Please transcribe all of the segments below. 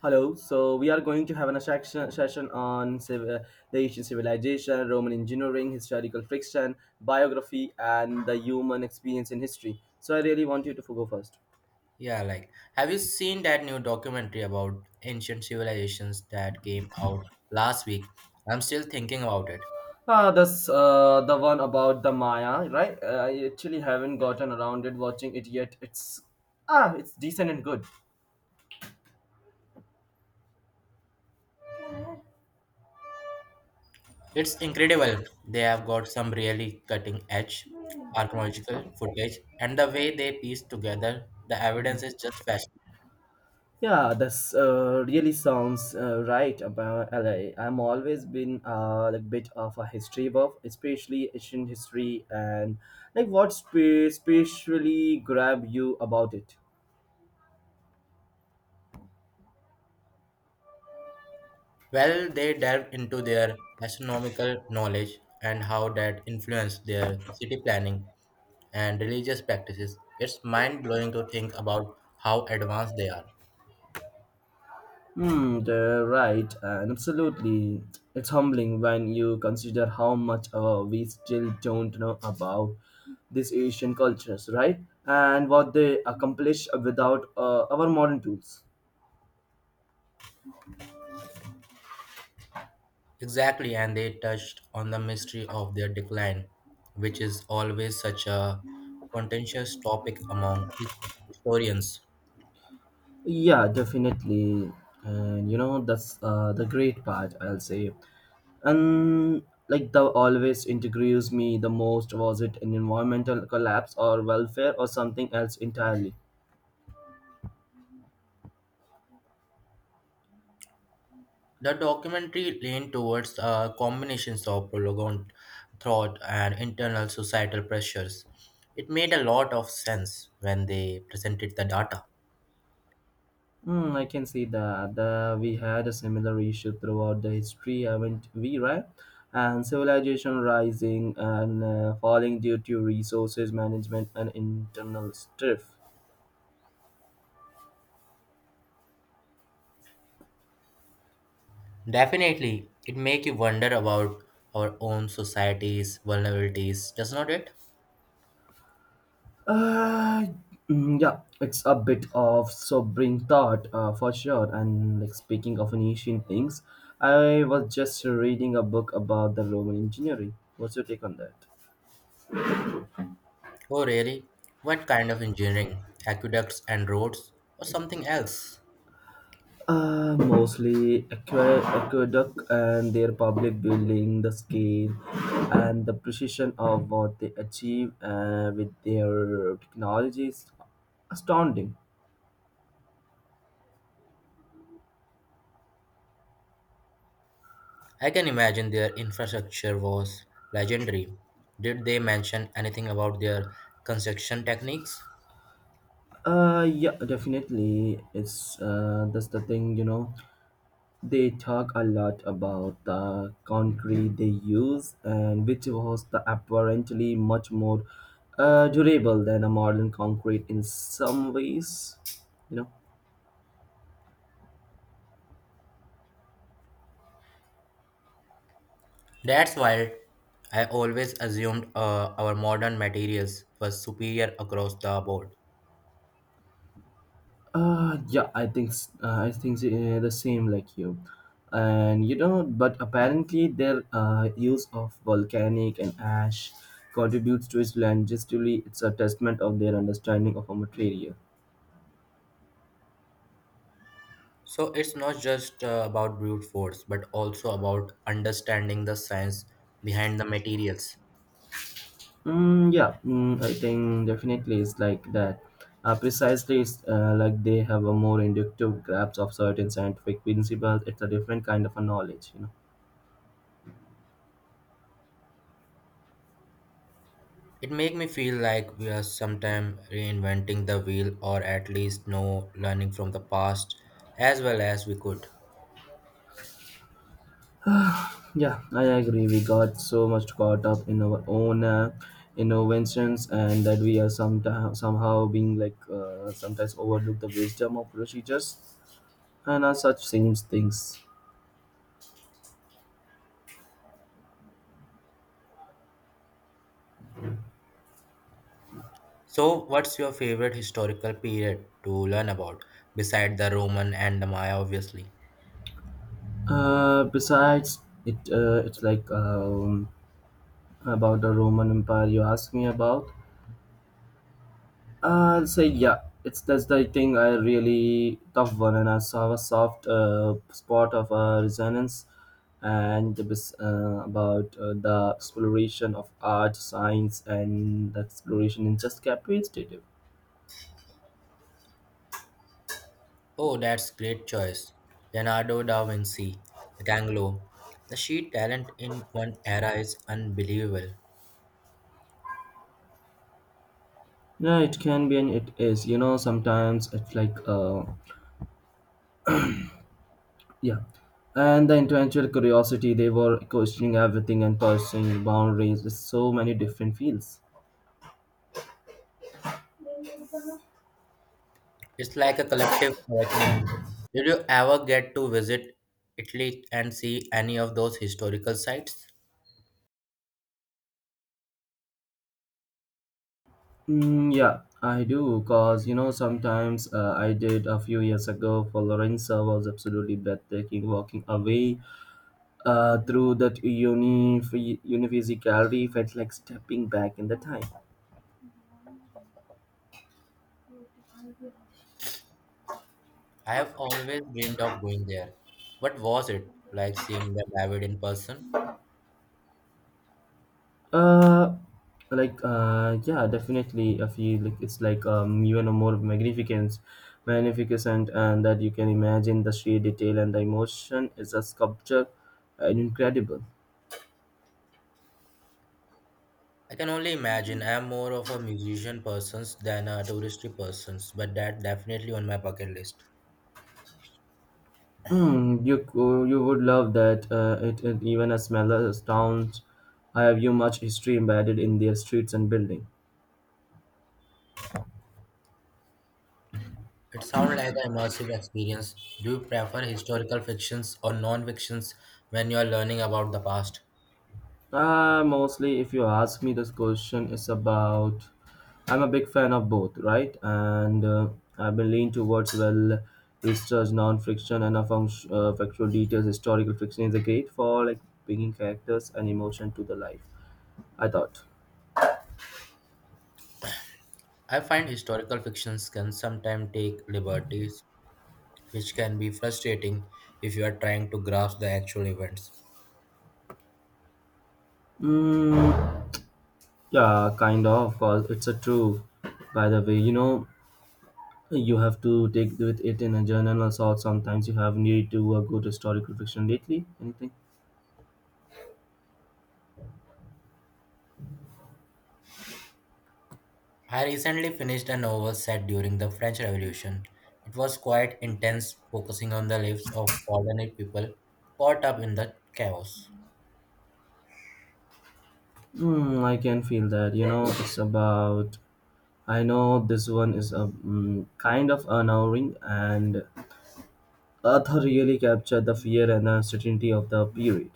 Hello. So we are going to have an section session on the ancient civilization, Roman engineering, historical fiction, biography, and the human experience in history. So I really want you to go first. Yeah, like, have you seen that new documentary about ancient civilizations that came out last week? I'm still thinking about it. Ah, this the one about the Maya, right? I actually haven't gotten around it watching it yet. It's decent and good. It's incredible. They have got some really cutting edge archaeological footage, and the way they piece together the evidence is just fascinating. Yeah, that's really sounds right about LA. I'm always been like bit of a history buff, especially ancient history, and like what specially grab you about it. Well, they delve into their astronomical knowledge and how that influenced their city planning and religious practices. It's mind blowing to think about how advanced they are. Hmm, the right, and absolutely, it's humbling when you consider how much we still don't know about these Asian cultures, right? And what they accomplish without our modern tools. Exactly, and they touched on the mystery of their decline, which is always such a contentious topic among historians. Yeah, definitely. And you know, that's the great part, I'll say. And like the always intrigues me the most was it an environmental collapse or welfare or something else entirely? The documentary leaned towards combinations of prolonged thought and internal societal pressures. It made a lot of sense when they presented the data. Hmm, I can see that. The, we had a similar issue throughout the history, haven't we, right? And civilization rising and falling due to resources management and internal strife. Definitely, it make you wonder about our own society's vulnerabilities, does not it? Uh, yeah, it's a bit of sobering thought for sure. And like speaking of an ancient things, I was just reading a book about the Roman engineering. What's your take on that? Oh, really? What kind of engineering? Aqueducts and roads, or something else? Mostly aqueduct and their public building, the scale and the precision of what they achieve with their technology is astounding. I can imagine their infrastructure was legendary. Did they mention anything about their construction techniques? Yeah, definitely. It's that's the thing, you know. They talk a lot about the country they use, and which was the apparently much more durable than a modern concrete in some ways. You know. That's wild. I always assumed our modern materials were superior across the board. Yeah, I think s- I think the same like you, and you know, but apparently their use of volcanic and ash contributes to its longevity. It's a testament of their understanding of a material. So it's not just about brute force, but also about understanding the science behind the materials. Yeah, I think definitely it's like that. Precisely, it's, like they have a more inductive grasp of certain scientific principles. It's a different kind of a knowledge, you know. It make me feel like we are sometime reinventing the wheel or at least no learning from the past as well as we could. Yeah, I agree. We got so much caught up in our own inventions, and that we are sometimes somehow being like sometimes overlook the wisdom of procedures and such same things. So what's your favorite historical period to learn about beside the Roman and the Maya obviously? Besides, it it's like about the Roman Empire you asked me about. I'll say yeah. It's that's the thing I really tough one, and I saw a soft spot of resonance, and the about the exploration of art, science, and the exploration in just capacitative. Oh, that's great choice. Leonardo da Vinci, Michelangelo. The sheer talent in one era is unbelievable. Yeah, it can be and it is. You know, sometimes it's like yeah, and the intellectual curiosity. They were questioning everything and pursuing boundaries with so many different fields. It's like a collective awakening. Did you ever get to visit Italy and see any of those historical sites? Mm, yeah, I do, cause you know sometimes I did a few years ago for Lorenza was absolutely breathtaking. Walking away through that Univision gallery felt like stepping back in the time. I have always dreamed of going there. What was it like seeing the David in person? Uh, yeah, definitely. I feel like it's like even a magnificent, and that you can imagine the sheer detail and the emotion is a sculpture, and incredible. I can only imagine. I am more of a musician person than a touristy person, but that definitely on my bucket list. Hmm. You you would love that. It even as small as towns have you much history embedded in their streets and building. It sounds like an immersive experience. Do you prefer historical fictions or non-fictions when you are learning about the past? Mostly, if you ask me, this question is about. I'm a big fan of both, right? And I've been leaning towards well researched non-fiction and a factual details. Historical fiction is a great for like bringing characters and emotion to the life. I thought. I find historical fictions can sometimes take liberties, which can be frustrating if you are trying to grasp the actual events. Mm, yeah, kind of. Of course, it's a true. By the way, you know. You have to take with it in a journal or sort. Sometimes you have need to a good historical fiction lately. Anything? I recently finished a novel set during the French Revolution. It was quite intense, focusing on the lives of ordinary people caught up in the chaos. Hmm, I can feel that. You know, it's about. I know this one is a mm, kind of unnerving, and author really captured the fear and uncertainty of the period.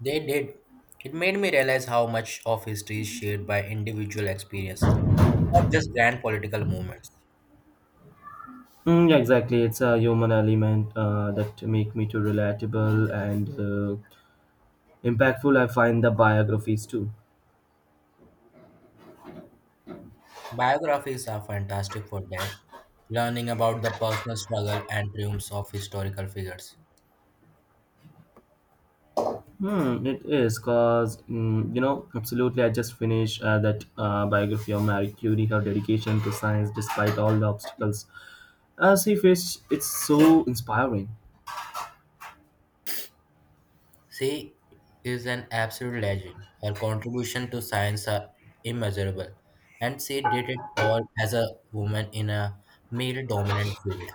They did. It made me realize how much of history is shaped by individual experience, not just grand political movements. Mm, yeah, exactly. It's a human element that make me too relatable and impactful. I find the biographies too. Biographies are fantastic for that, learning about the personal struggle and triumphs of historical figures. Hmm, it is because you know absolutely. I just finished that biography of Marie Curie, her dedication to science despite all the obstacles she faced. It's so inspiring. She is an absolute legend. Her contribution to science are immeasurable, and she did it all as a woman in a male-dominant field.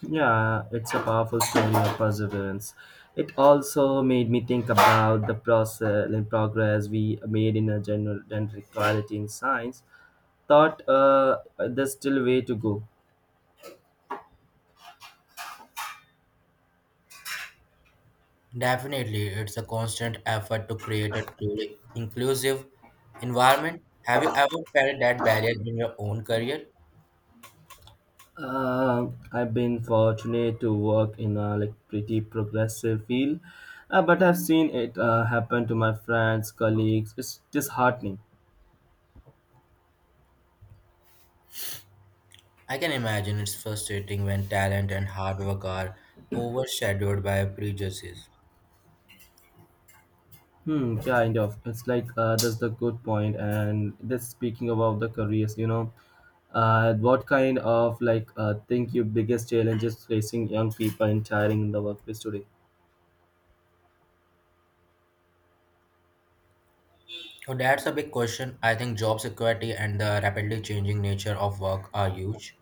Yeah, it's a powerful story of perseverance. It also made me think about the process and progress we made in a general gender equality in science. Thought there's still a way to go. Definitely, it's a constant effort to create a truly inclusive environment. Have you ever felt that barrier in your own career? I've been fortunate to work in a like pretty progressive field, but I've seen it happen to my friends, colleagues. It's disheartening. I can imagine it's frustrating when talent and hard work are overshadowed by prejudices. Hmm, kind of. It's like that's the good point, and this speaking about the careers, you know, what kind of like think your biggest challenge is facing young people in hiring in the workplace today? Oh, that's a big question. I think job security and the rapidly changing nature of work are huge.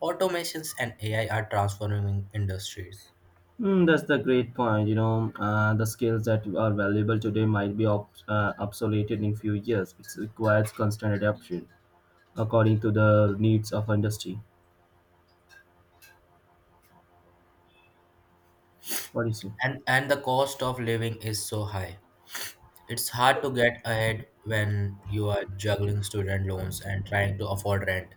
Automations and AI are transforming industries. Mm, that's the great point. You know, the skills that are valuable today might be obsolete in few years. It requires constant adaptation according to the needs of industry. What do you say? And the cost of living is so high. It's hard to get ahead when you are juggling student loans and trying to afford rent.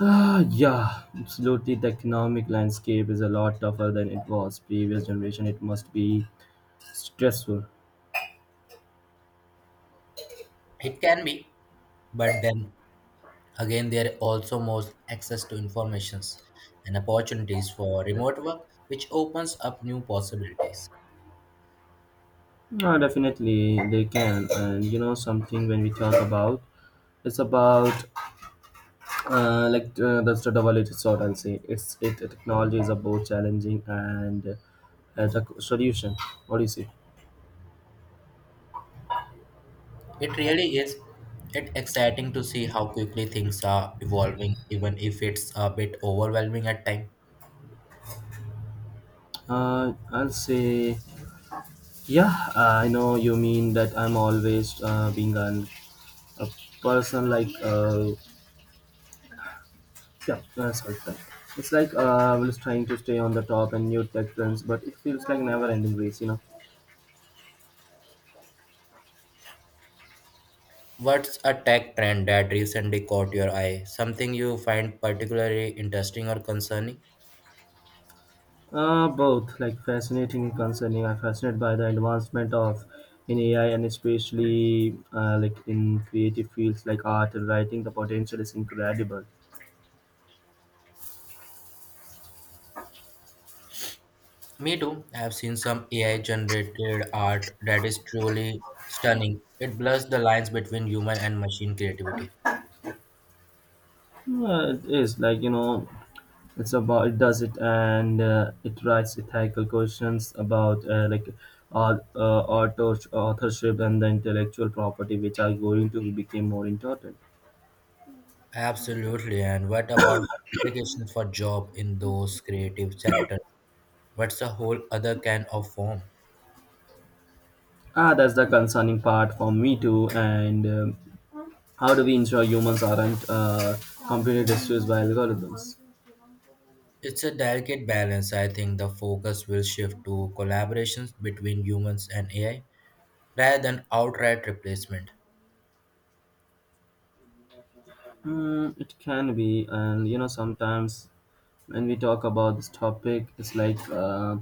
Ah, yeah, absolutely. The economic landscape is a lot tougher than it was previous generation. It must be stressful. It can be, but then again there are also more access to informations and opportunities for remote work, which opens up new possibilities. No, definitely they can. And you know something when we talk about it's about that's the double edged sword. I'll say it's it technology is a both challenging and as a solution. What do you say? It really is. It's exciting to see how quickly things are evolving, even if it's a bit overwhelming at times. I'll say yeah. I know you mean that. I'm always being an, a person like yeah that's what that. It's like I was trying to stay on the top and new tech trends, but it feels like never ending race, you know. What's a tech trend that recently caught your eye? Something you find particularly interesting or concerning? Both like fascinating and concerning. I'm fascinated by the advancement of in AI and especially like in creative fields like art and writing. The potential is incredible. Me too. I've seen some AI generated art that is truly stunning. It blurs the lines between human and machine creativity. It is like you know, it's about it does it and it writes ethical questions about like art, authorship and the intellectual property, which are going to become more important. Absolutely. And what about the implications for job in those creative sectors? What's a whole other can of worm? Ah, that's the concerning part for me too, and how do we ensure humans aren't completely destroyed by algorithms? It's a delicate balance. I think the focus will shift to collaborations between humans and AI rather than outright replacement. Hmm, it can be, and you know, sometimes when we talk about this topic, it's like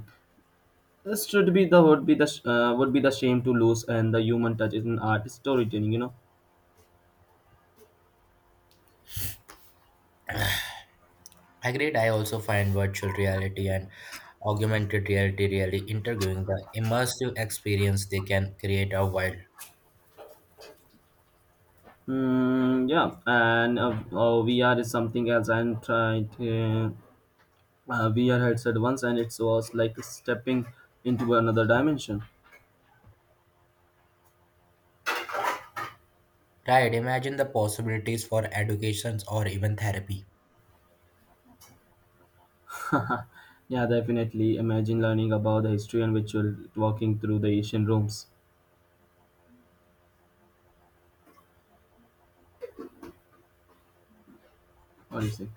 this should be the would be the would be the shame to lose, and the human touch in art storytelling. You know, Agreed, I also find virtual reality and augmented reality really intriguing. The immersive experience they can create are wild. hmm, yeah, and VR is something else. I'm trying to VR headset once, and it was like stepping into another dimension. Right, imagine the possibilities for educations or even therapy. Yeah, definitely. Imagine learning about the history and ritual walking through the ancient rooms. What do you say?